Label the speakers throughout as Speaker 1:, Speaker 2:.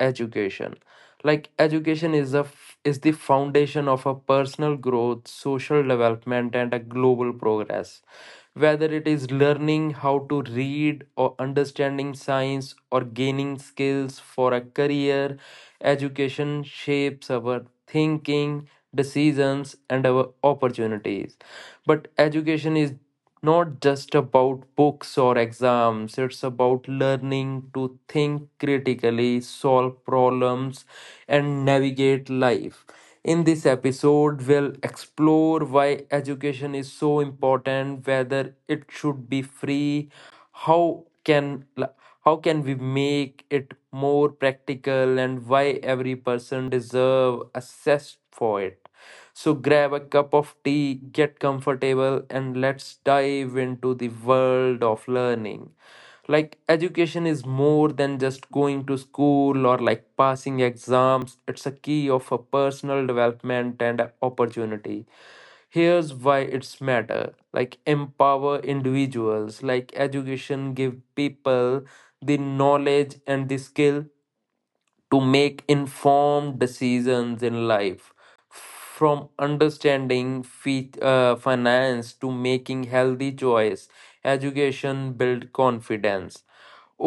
Speaker 1: education, education is is the foundation of a personal growth, social development, and a global progress. Whether it is learning how to read, or understanding science, or gaining skills for a career, education shapes our thinking, decisions, and our opportunities. But education is not just about books or exams. It's about learning to think critically, solve problems, and navigate life. In this episode, we'll explore why education is so important, whether it should be free, how can how can we make it more practical, and why every person deserve access for it. So grab a cup of tea, get comfortable, and let's dive into the world of learning. Education is more than just going to school or passing exams. It's a key of a personal development and a opportunity. Here's why it's matter. Empower individuals. Education give people the knowledge and the skill to make informed decisions in life, from understanding finance to making healthy choice. Education build confidence,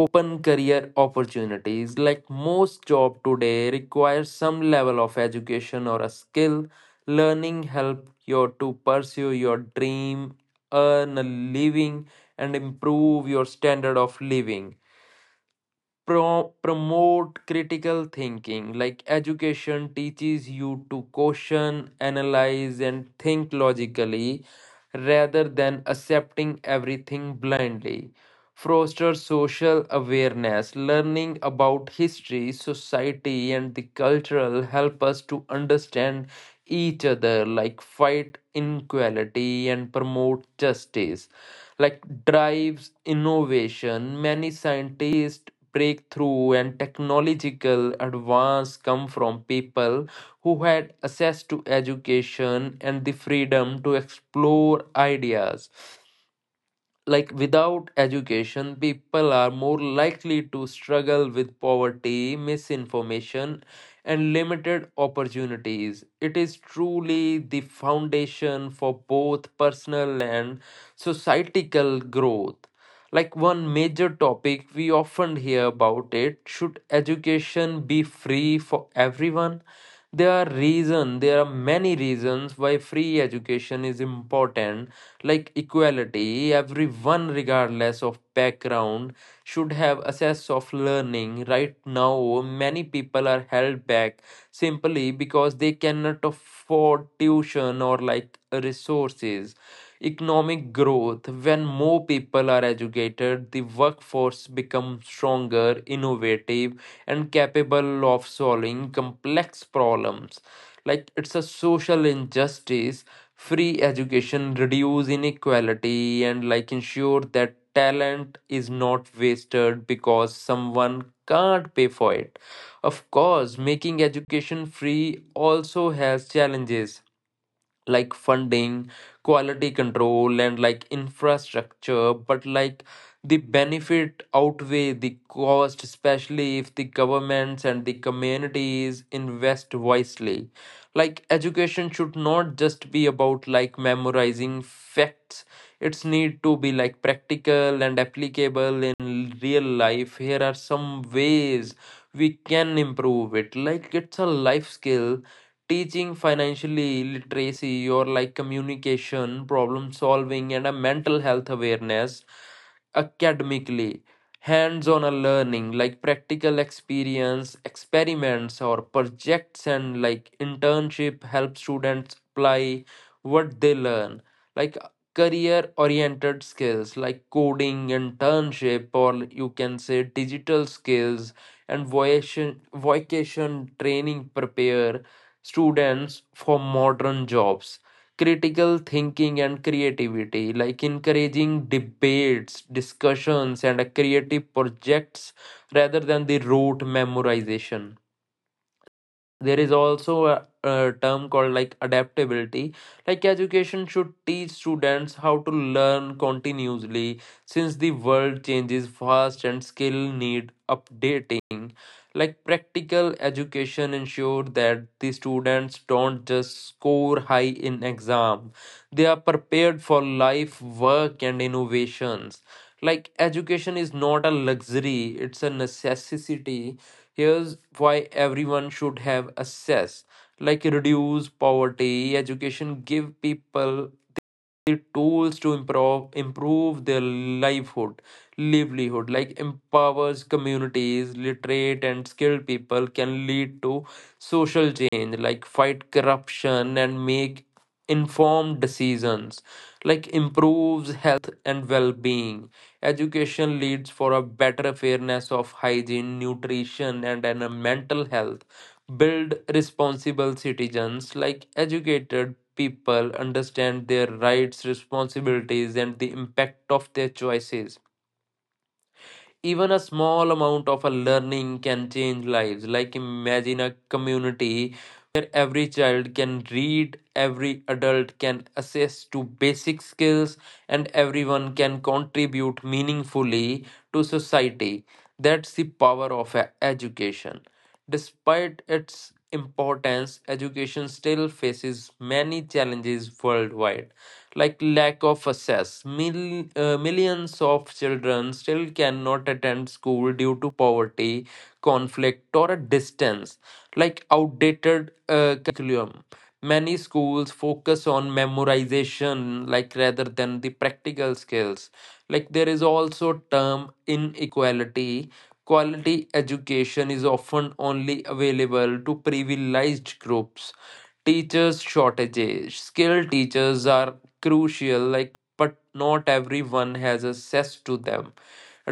Speaker 1: open career opportunities. Like most job today requires some level of education or a skill. Learning help you to pursue your dream, earn a living, and improve your standard of living. Promote critical thinking. Like education teaches you to question, analyze, and think logically rather than accepting everything blindly. Foster social awareness, learning about history, society, and the cultural help us to understand each other, like fight inequality and promote justice, like drives innovation. Many scientists breakthrough and technological advance come from people who had access to education and the freedom to explore ideas. Like without education, people are more likely to struggle with poverty, misinformation, and limited opportunities. It is truly the foundation for both personal and societal growth. Like one major topic we often hear about, it should education be free for everyone? There are many reasons why free education is important. Like equality, everyone regardless of background should have access of learning. Right now many people are held back simply because they cannot afford tuition or like resources. Economic growth, when more people are educated, the workforce becomes stronger, innovative, and capable of solving complex problems. Like it's a social injustice, free education reduce inequality and like ensure that talent is not wasted because someone can't pay for it. Of course, making education free also has challenges, like funding, quality control, and like infrastructure, but like the benefit outweigh the cost, especially if the governments and the communities invest wisely. Like education should not just be about like memorizing facts. It's need to be like practical and applicable in real life. Here are some ways we can improve it. Like it's a life skill, teaching financially literacy or like communication, problem solving, and a mental health awareness. Academically, hands on learning, like practical experience, experiments or projects, and like internship help students apply what they learn, like career oriented skills, like coding, internship, or you can say digital skills, and vocation training prepare students for modern jobs. Critical thinking and creativity, like encouraging debates, discussions, and creative projects rather than the rote memorization. There is also a term called like adaptability. Like education should teach students how to learn continuously since the world changes fast and skill need updating. Like practical education ensure that the students don't just score high in exam, they are prepared for life, work, and innovations. Like education is not a luxury, it's a necessity. Here's why everyone should have access. Like reduce poverty, education give people the tools to improve their livelihood, like empowers communities. Literate and skilled people can lead to social change, like fight corruption and make informed decisions, like improves health and well-being. Education leads for a better awareness of hygiene, nutrition, and mental health. Build responsible citizens. Like educated people understand their rights, responsibilities, and the impact of their choices. Even a small amount of a learning can change lives. Like imagine a community, every child can read, every adult can access to basic skills, and everyone can contribute meaningfully to society. That's the power of education. Despite its importance, education still faces many challenges worldwide, like lack of access. Millions of children still cannot attend school due to poverty, conflict, or a distance, like outdated curriculum. Many schools focus on memorization, like rather than the practical skills. Like there is also term inequality. Quality education is often only available to privileged groups. Teachers shortages, skilled teachers are crucial, like but not everyone has access to them.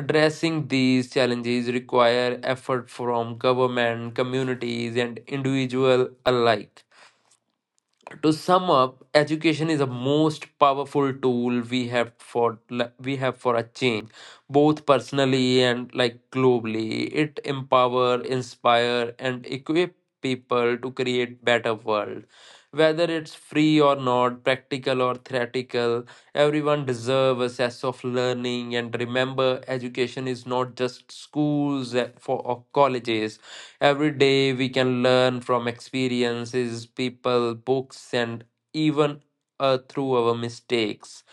Speaker 1: Addressing these challenges require effort from government, communities, and individual alike. To sum up, education is the most powerful tool we have for a change, both personally and like globally. It empower, inspire, and equip people to create better world. Whether it's free or not, practical or theoretical, everyone deserves a sense of learning. And remember, education is not just schools for or colleges. Every day we can learn from experiences, people, books, and even through our mistakes.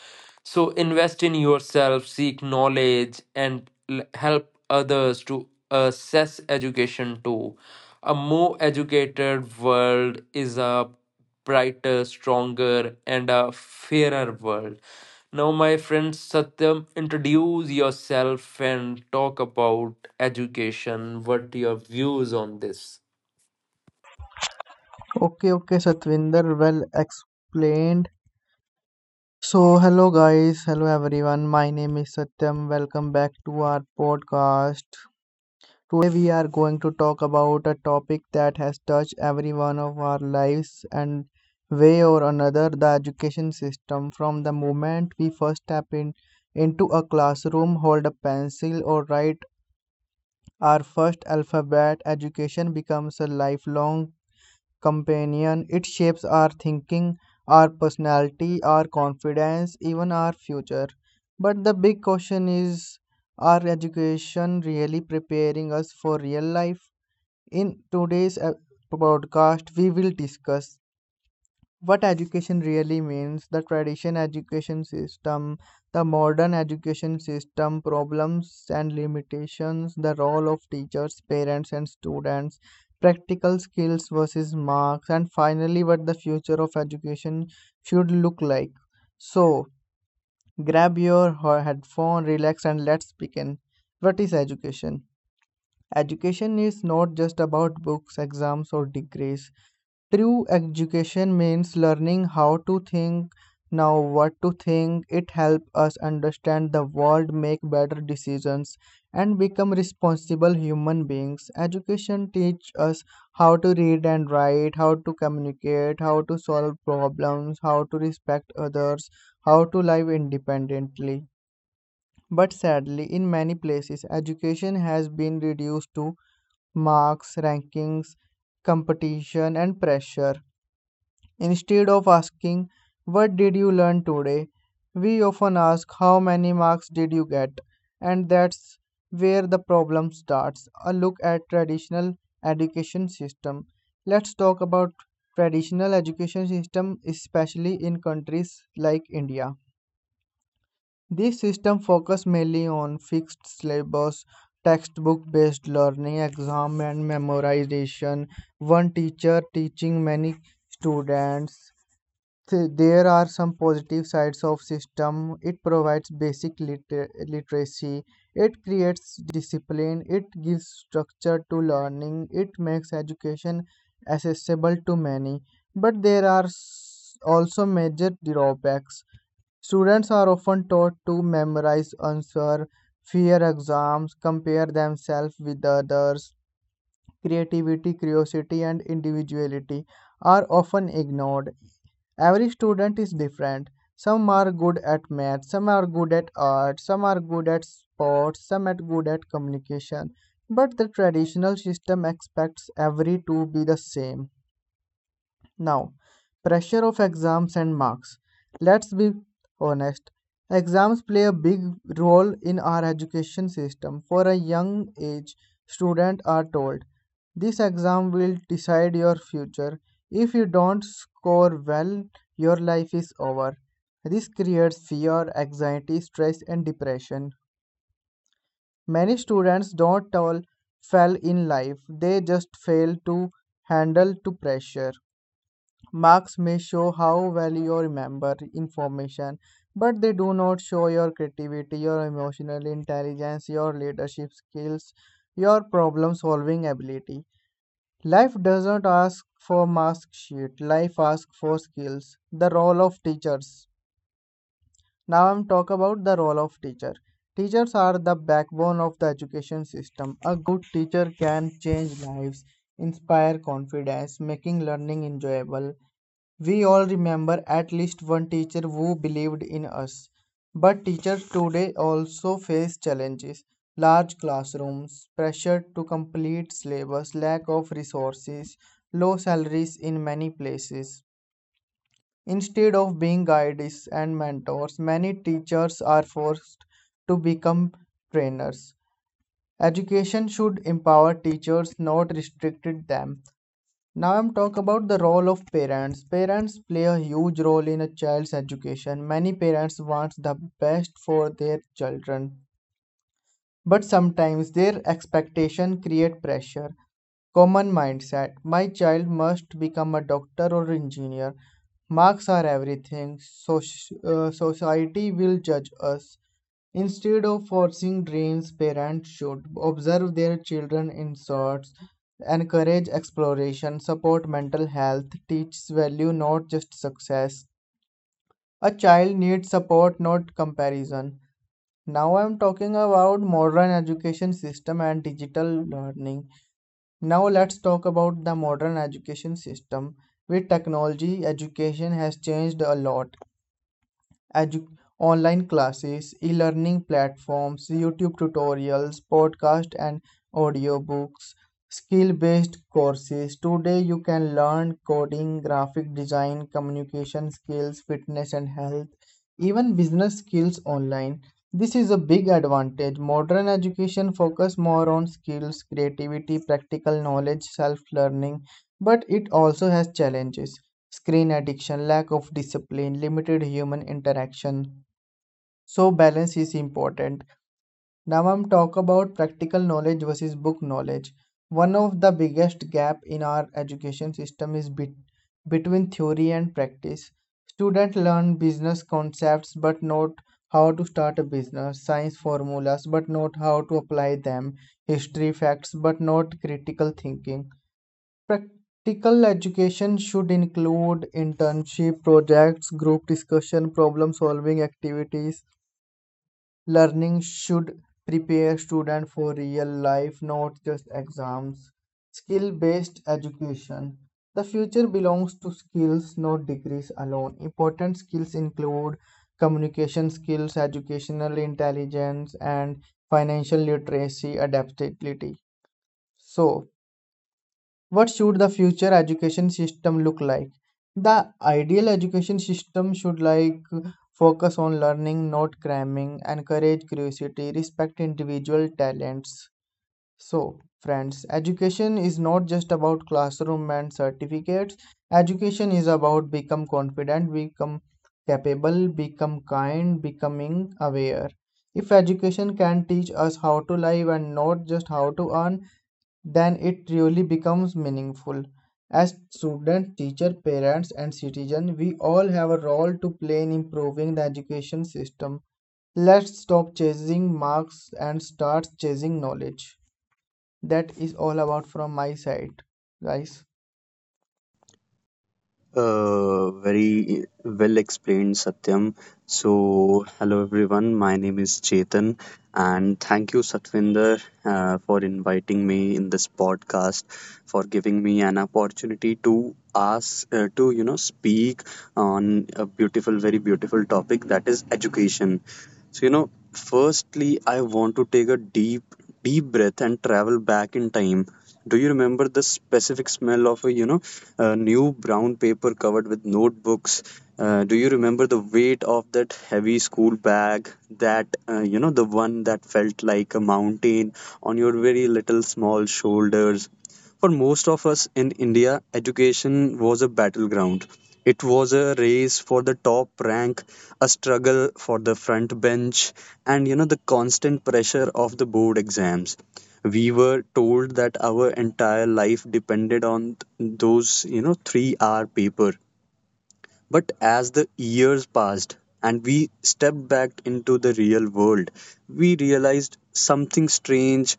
Speaker 1: So invest in yourself, seek knowledge, and help others to assess education too. A more educated world is a brighter, stronger, and a fairer world. Now, my friend Satyam, introduce yourself and talk about education. What your views on this?
Speaker 2: Okay, okay, Satvinder, well explained. So, hello guys, hello everyone. My name is Satyam. Welcome back to our podcast. Today we are going to talk about a topic that has touched every one of our lives and way or another the education system. From the moment we first step in into a classroom, hold a pencil or write our first alphabet, education becomes a lifelong companion. It shapes our thinking, our personality, our confidence, even our future. But the big question is, are education really preparing us for real life? In today's podcast, we will discuss what education really means, the tradition education system, the modern education system, problems and limitations, the role of teachers, parents, and students, practical skills versus marks, and finally, what the future of education should look like. So, grab your headphone, relax, and let's begin. What is education? Education is not just about books, exams, or degrees. True education means learning how to think, now what to think. It helps us understand the world, make better decisions, and become responsible human beings. Education teaches us how to read and write, how to communicate, how to solve problems, how to respect others, how to live independently. But sadly, in many places, education has been reduced to marks, rankings, competition, and pressure. Instead of asking, "What did you learn today?" we often ask, "How many marks did you get?" And that's where the problem starts. A look at traditional education system. Let's talk about traditional education system, especially in countries like India. This system focus mainly on fixed syllabus, textbook based learning, exam and memorization, one teacher teaching many students. There are some positive sides of system. It provides basic literacy, it creates discipline, it gives structure to learning, it makes education accessible to many. But there are also major drawbacks. Students are often taught to memorize answer, fear exams, compare themselves with others. Creativity, curiosity and individuality are often ignored. Every student is different. Some are good at math, some are good at art, some are good at sports, some are good at communication. But the traditional system expects every to be the same. Now, pressure of exams and marks. Let's be honest, exams play a big role in our education system. For a young age, students are told this exam will decide your future. If you don't score well, your life is over. This creates fear, anxiety, stress, and depression. Many students don't all fail in life, they just fail to handle to pressure. Marks may show how well you remember information, but they do not show your creativity, your emotional intelligence, your leadership skills, your problem solving ability. Life doesn't ask for mark sheet, life asks for skills. The role of teachers. Now I'm talk about the role of teacher. Teachers are the backbone of the education system. A good teacher can change lives, inspire confidence, making learning enjoyable. We all remember at least one teacher who believed in us. But teachers today also face challenges: large classrooms, pressure to complete syllabus, lack of resources, low salaries in many places. Instead of being guides and mentors, many teachers are forced to become trainers. Education should empower teachers, not restrict them. Now I'm talk about the role of parents. Parents play a huge role in a child's education. Many parents want the best for their children, but sometimes their expectation create pressure. Common mindset: my child must become a doctor or engineer. Marks are everything. Society will judge us. Instead of forcing dreams, parents should observe their children in sorts, encourage exploration, support mental health, teach value, not just success. A child needs support, not comparison. Now I'm talking about modern education system and digital learning. Now let's talk about the modern education system. With technology, education has changed a lot. edu- Online classes, e-learning platforms, YouTube tutorials, podcasts and audiobooks, skill-based courses. Today you can learn coding, graphic design, communication skills, fitness and health, even business skills online. This is a big advantage. Modern education focus more on skills, creativity, practical knowledge, self-learning, but it also has challenges: screen addiction, lack of discipline, limited human interaction. So balance is important. Now I'm talk about practical knowledge versus book knowledge. One of the biggest gap in our education system is between theory and practice. Students learn business concepts but not how to start a business, science formulas but not how to apply them, history facts but not critical thinking. Practical education should include internship projects, group discussion, problem solving activities. Learning should prepare students for real life, not just exams. Skill based education. The future belongs to skills, not degrees alone. Important skills include communication skills, educational intelligence, and financial literacy adaptability. So, what should the future education system look like? The ideal education system should like focus on learning, not cramming, encourage curiosity, respect individual talents. So, friends, education is not just about classroom and certificates. Education is about become confident, become capable, become kind, becoming aware. If education can teach us how to live and not just how to earn, then it really becomes meaningful. As students, teachers, parents, and citizens, we all have a role to play in improving the education system. Let's stop chasing marks and start chasing knowledge. That is all about from my side, guys.
Speaker 3: Very well explained, Satyam. So, hello everyone. My name is Chetan, and thank you, Satvinder, for inviting me in this podcast, for giving me an opportunity to ask, to speak on a beautiful topic, that is education. So, you know, firstly, I want to take a deep breath and travel back in time. Do you remember the specific smell of a, a new brown paper covered with notebooks? Do you remember the weight of that heavy school bag? That, the one that felt like a mountain on your very little small shoulders? For most of us in India, education was a battleground. It was a race for the top rank, a struggle for the front bench, and you know, the constant pressure of the board exams. We were told that our entire life depended on those 3-hour paper. But as the years passed and we stepped back into the real world, we realized something strange.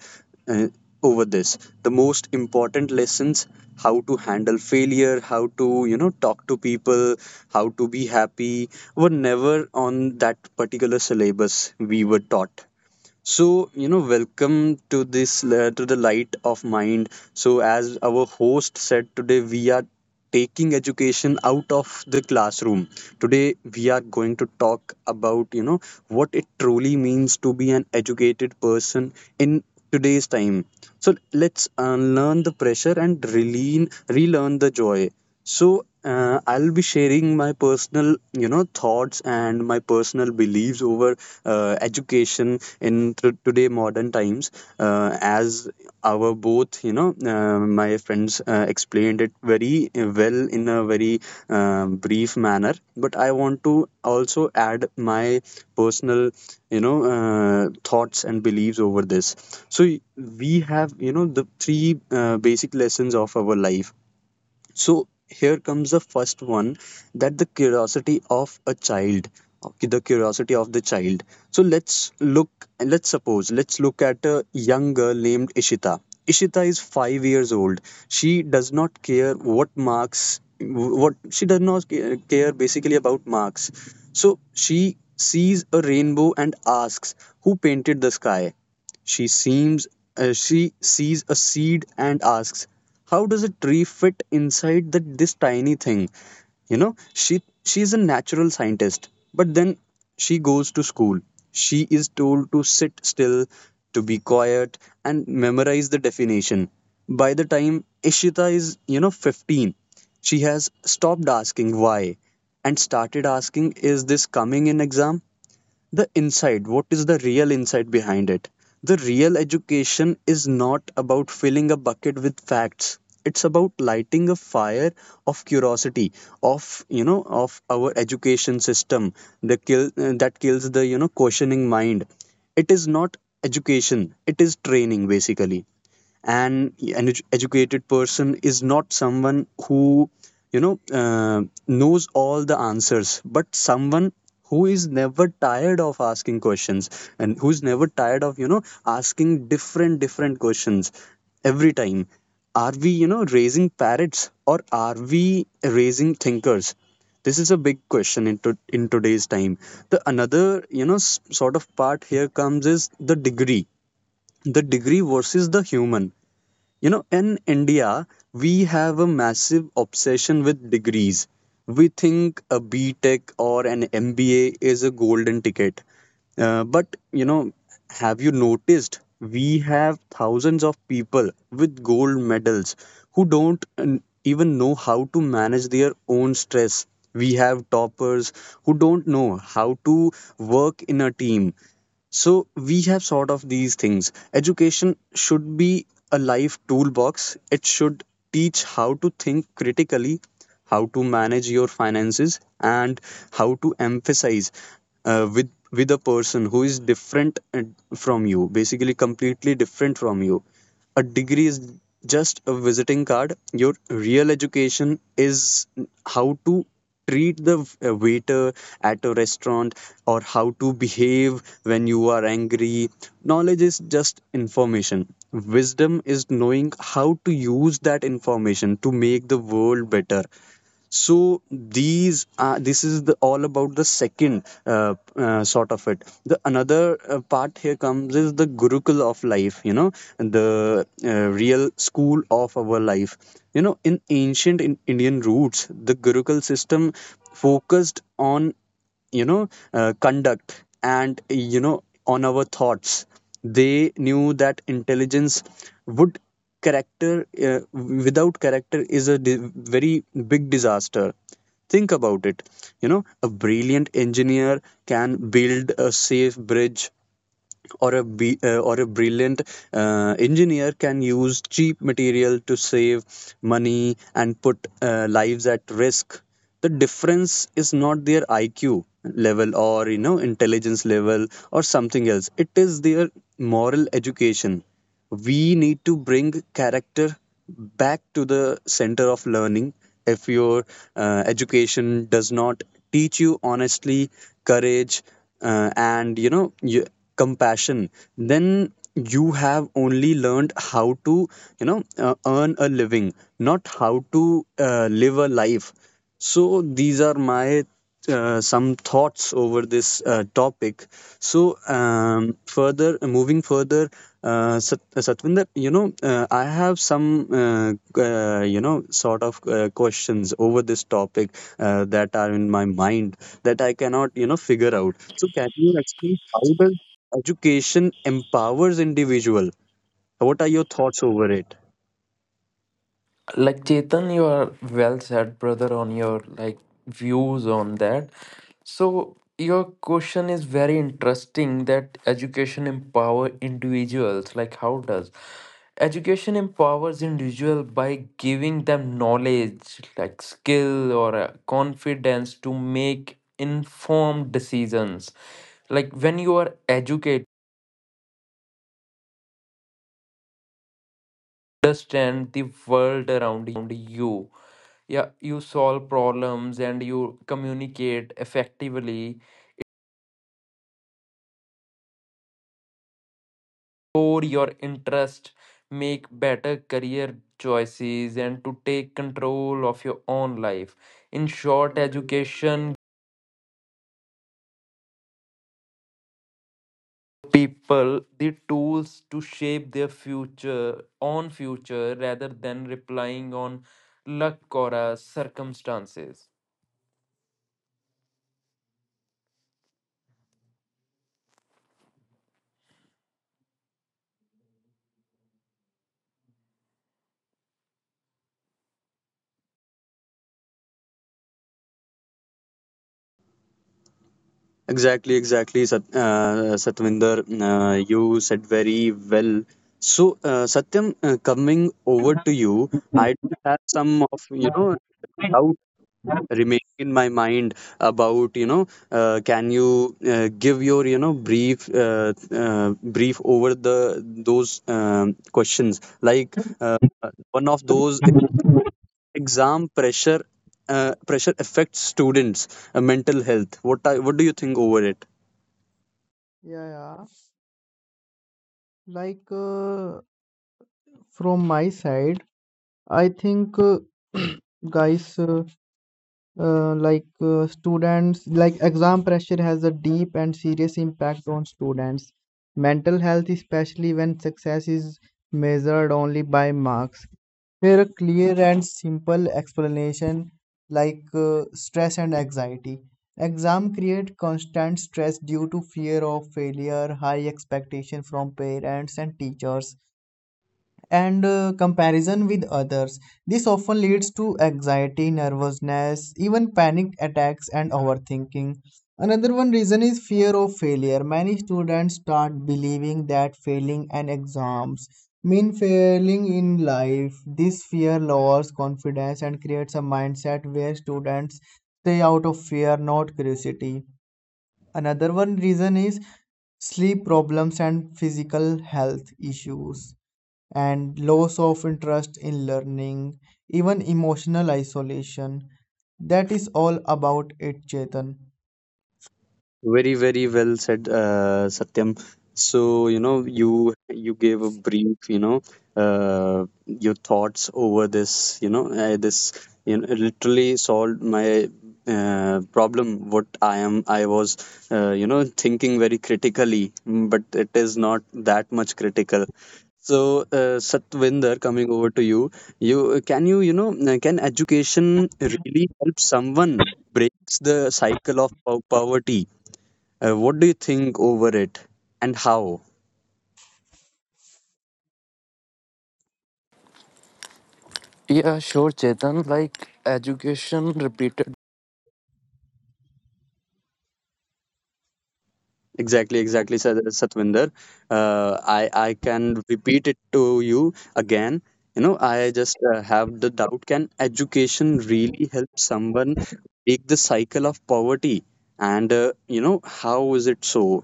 Speaker 3: Uh, over this The most important lessons, how to handle failure, how to talk to people, how to be happy, were never on that particular syllabus we were taught. Welcome to this to the light of mind. So, as our host said, today we are taking education out of the classroom. Today, we are going to talk about, you know, what it truly means to be an educated person in today's time. So, let's unlearn the pressure and relearn the joy. So I'll be sharing my personal, you know, thoughts and my personal beliefs over education in today modern times. As our both, my friends explained it very well in a very brief manner. But I want to also add my personal, thoughts and beliefs over this. So we have, you know, the three basic lessons of our life. So here comes the first one, that the curiosity of a child, okay, the curiosity of the child. So let's suppose, let's look at a young girl named Ishita. Ishita is 5 years old. She does not care what marks, what she does not care basically about marks. So she sees a rainbow and asks, "Who painted the sky?" She seems she sees a seed and asks, "How does a tree fit inside that this tiny thing?" You know, she is a natural scientist, but then she goes to school. She is told to sit still, to be quiet, and memorize the definition. By the time Ishita is, you know, 15, she has stopped asking why and started asking, "Is this coming in exam?" The inside, what is the real insight behind it? The real education is not about filling a bucket with facts. It's about lighting a fire of curiosity. Of you know, of our education system, the kill that kills the you know questioning mind, it is not education, it is training basically. And an educated person is not someone who you know uh, knows all the answers, but someone who is never tired of asking questions, and who's never tired of you know asking different different questions every time. Are we raising parrots, or are we raising thinkers? This is a big question in in today's time. The another sort of part here comes is the degree, the degree versus the human. You know, in India, we have a massive obsession with degrees. We think a B Tech or an MBA is a golden ticket. But you know, have you noticed we have thousands of people with gold medals who don't even know how to manage their own stress? We have toppers who don't know how to work in a team. So we have sort of these things. Education should be a life toolbox. It should teach how to think critically, how to manage your finances, and how to emphasize with a person who is different from you, basically completely different from you. A degree is just a visiting card. Your real education is how to treat the waiter at a restaurant, or how to behave when you are angry. Knowledge is just information. Wisdom is knowing how to use that information to make the world better. So these are, this is the all about the second sort of it. The another part here comes is the gurukul of life, you know, the real school of our life. You know, in ancient, in Indian roots, the gurukul system focused on you know conduct and you know on our thoughts. They knew that intelligence would character without character is a very big disaster. Think about it. You know, a brilliant engineer can build a safe bridge, or a brilliant engineer can use cheap material to save money and put lives at risk. The difference is not their IQ level, or you know intelligence level, or something else. It is their moral education. We need to bring character back to the center of learning. If your education does not teach you honestly, courage, and compassion, then you have only learned how to earn a living, not how to live a life. So these are my some thoughts over this topic. So further moving further, Satvinder, you know, I have some, sort of questions over this topic that are in my mind that I cannot, you know, figure out. So, can you explain how does education empowers individual? What are your thoughts over it?
Speaker 1: Like Chetan, you are well said, brother, on your like views on that. So your question is very interesting, that education empower individuals. Like how does education empowers individual by giving them knowledge, like skill or confidence to make informed decisions. Like when you are educated
Speaker 4: Understand the world around you, yeah, you solve problems and you communicate effectively.
Speaker 5: Explore your interest, make better career choices, and to take control of your own life. In short, education
Speaker 1: people the tools to shape their future on future rather than relying on luck or circumstances.
Speaker 3: Exactly, exactly, Satvinder. You said very well. So, Satyam, coming over to you, I do have some of, you know, doubt remaining in my mind about you know can you give your you know brief brief over the those questions, like one of those is exam pressure pressure affects students mental health. What I, what do you think over it?
Speaker 2: Yeah, yeah. Like uh, from my side, I think, guys. Students like exam pressure has a deep and serious impact on students mental health, especially when success is measured only by marks. Here, are clear and simple explanation. Stress and anxiety. Exam create constant stress due to fear of failure, high expectation from parents and teachers, and comparison with others. This often leads to anxiety, nervousness, even panic attacks, and overthinking. Another one reason is fear of failure. Many students start believing that failing an exams mean failing in life. This fear lowers confidence and creates a mindset where students stay out of fear, not curiosity. Another one reason is sleep problems and physical health issues and loss of interest in learning, even emotional isolation. That is all about it, Chetan.
Speaker 3: Very, very well said, Satyam. So, you know, you gave a brief, you know, your thoughts over this, you know, literally solved my problem. What I am, I was, you know, thinking very critically, but it is not that much critical. So, Satvinder, coming over to you, you you know, can education really help someone breaks the cycle of poverty? What do you think over it, and how?
Speaker 1: Yeah, sure, Chetan. Like education, repeated
Speaker 3: Exactly, exactly, Satvinder. I can repeat it to you again. You know, I just have the doubt, can education really help someone break the cycle of poverty? And, you know, how is it so?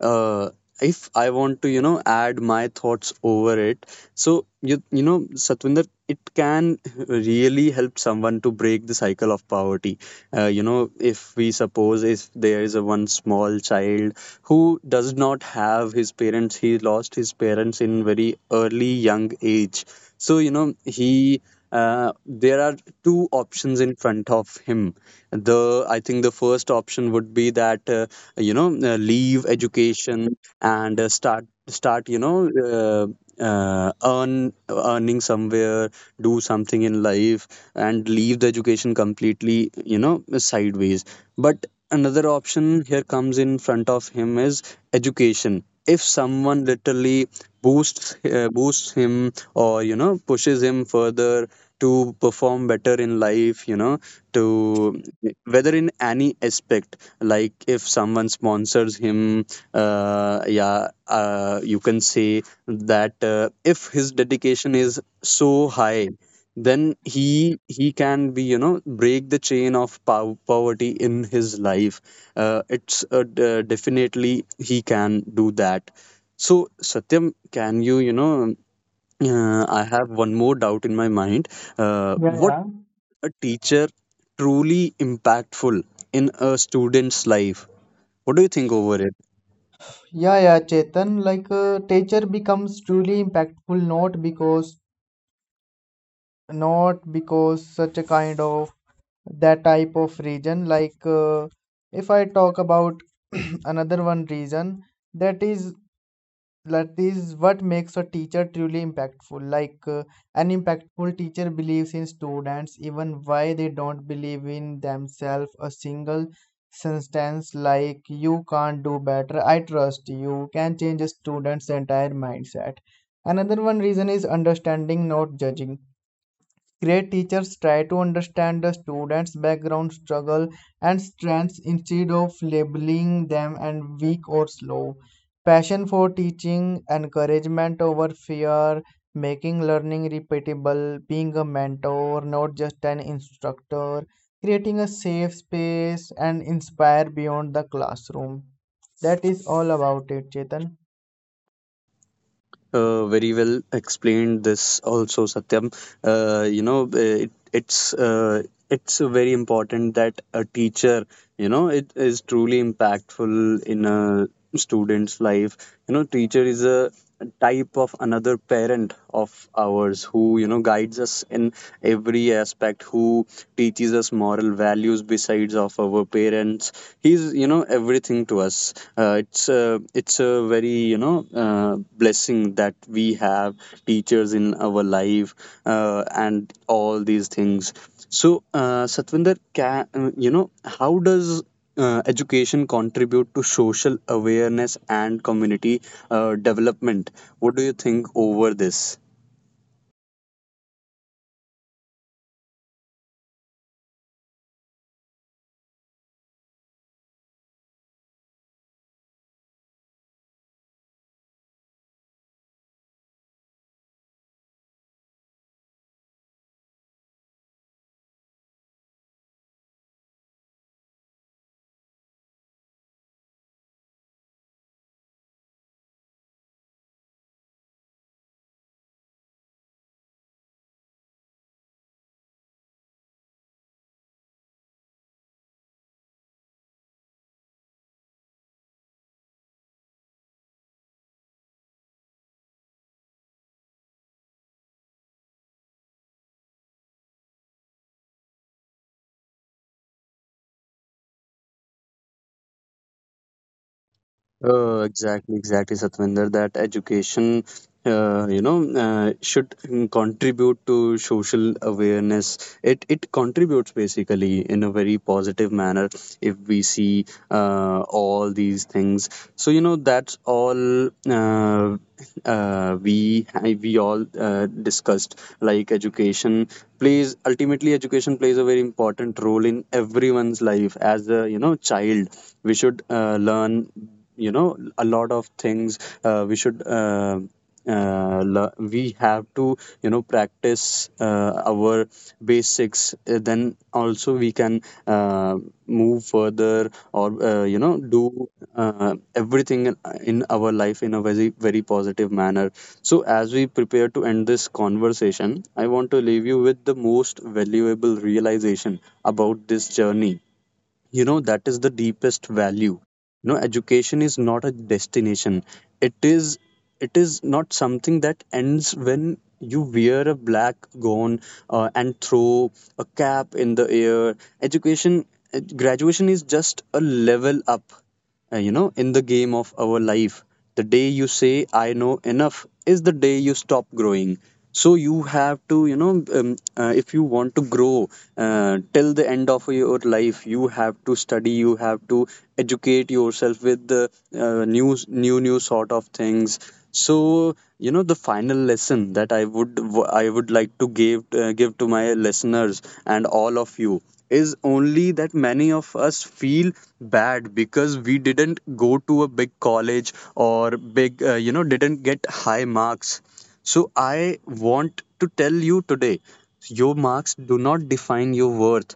Speaker 3: uh, if I want to, you know, add my thoughts over it, so Satwinder, it can really help someone to break the cycle of poverty. You know, if we suppose, if there is a one small child who does not have his parents, he lost his parents in very early young age. So you know, he there are two options in front of him. The I think the first option would be that you know leave education, and start you know earning somewhere, do something in life, and leave the education completely, you know, sideways. But another option here comes in front of him is education. If someone literally boosts him, or you know pushes him further to perform better in life, you know, to whether in any aspect, like if someone sponsors him, yeah, you can say that if his dedication is so high, then he can be, you know, break the chain of poverty in his life. Definitely he can do that. So Satyam, can you, you know, I have one more doubt in my mind,
Speaker 2: Yeah,
Speaker 3: what
Speaker 2: yeah.
Speaker 3: a teacher truly impactful in a student's life? What do you think over it?
Speaker 2: Yeah, yeah, Chetan. Teacher becomes truly impactful not because such a kind of that type of reason. If I talk about another one reason, that is what makes a teacher truly impactful. An impactful teacher believes in students, even why they don't believe in themselves. A single sentence like "You can't do better," "I trust you," can change a student's entire mindset. Another one reason is understanding, not judging. Great teachers try to understand the students' background, struggle, and strengths instead of labeling them as weak or slow. Passion for teaching, encouragement over fear, making learning repeatable, being a mentor, not just an instructor, creating a safe space, and inspire beyond the classroom. That is all about it, Chetan.
Speaker 3: Very well explained this also, Satyam. You know, it, it's uh, it's very important that a teacher, you know, it is truly impactful in a student's life. You know, teacher is a type of another parent of ours who you know guides us in every aspect, who teaches us moral values besides of our parents. He's you know, you know everything to us. It's a very you know blessing that we have teachers in our life, and all these things. So Satvinder, can, you know, how does education contribute to social awareness and community development? What do you think over this? Exactly, exactly, Satvinder. That education, you know, should contribute to social awareness. It contributes basically in a very positive manner if we see all these things. So you know, that's all we all discussed, like education plays, ultimately education plays a very important role in everyone's life. As a you know child, we should learn you know a lot of things. uh, we should uh, we have to you know practice our basics. Then also we can uh, move further, or you know do uh, everything in our life in a very very positive manner. So as we prepare to end this conversation, I want to leave you with the most valuable realization about this journey. You know, that is the deepest value. You know, education is not a destination. It is, it is not something that ends when you wear a black gown, and throw a cap in the air. Education, graduation is just a level up, you know, in the game of our life. The day you say, "I know enough" is the day you stop growing. So you have to you know if you want to grow till the end of your life, you have to study, you have to educate yourself with the new sort of things. So, you know, the final lesson that I would like to give to my listeners and all of you is only that many of us feel bad because we didn't go to a big college, or big you know didn't get high marks. So I want to tell you today, your marks do not define your worth,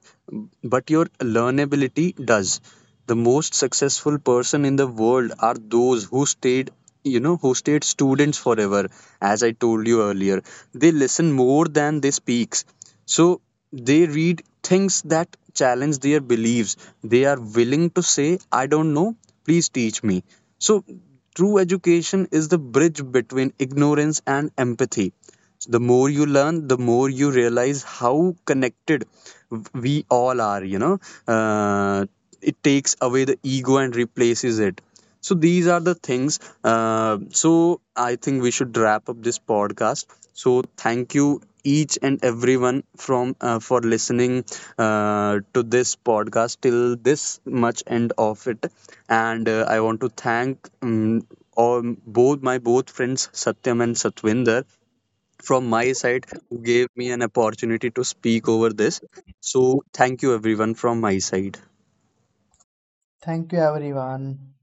Speaker 3: but your learnability does. The most successful person in the world are those who stayed you know who stayed students forever. As I told you earlier, they listen more than they speak. So they read things that challenge their beliefs. They are willing to say, "I don't know, please teach me." So true education is the bridge between ignorance and empathy. The more you learn, the more you realize how connected we all are. You know, uh, it takes away the ego and replaces it. So these are the things. So I think we should wrap up this podcast. So thank you each and everyone from for listening to this podcast till this much end of it. And I want to thank all both my both friends, Satyam and Satwinder, from my side, who gave me an opportunity to speak over this. So, thank you everyone from my side.
Speaker 2: Thank you, everyone.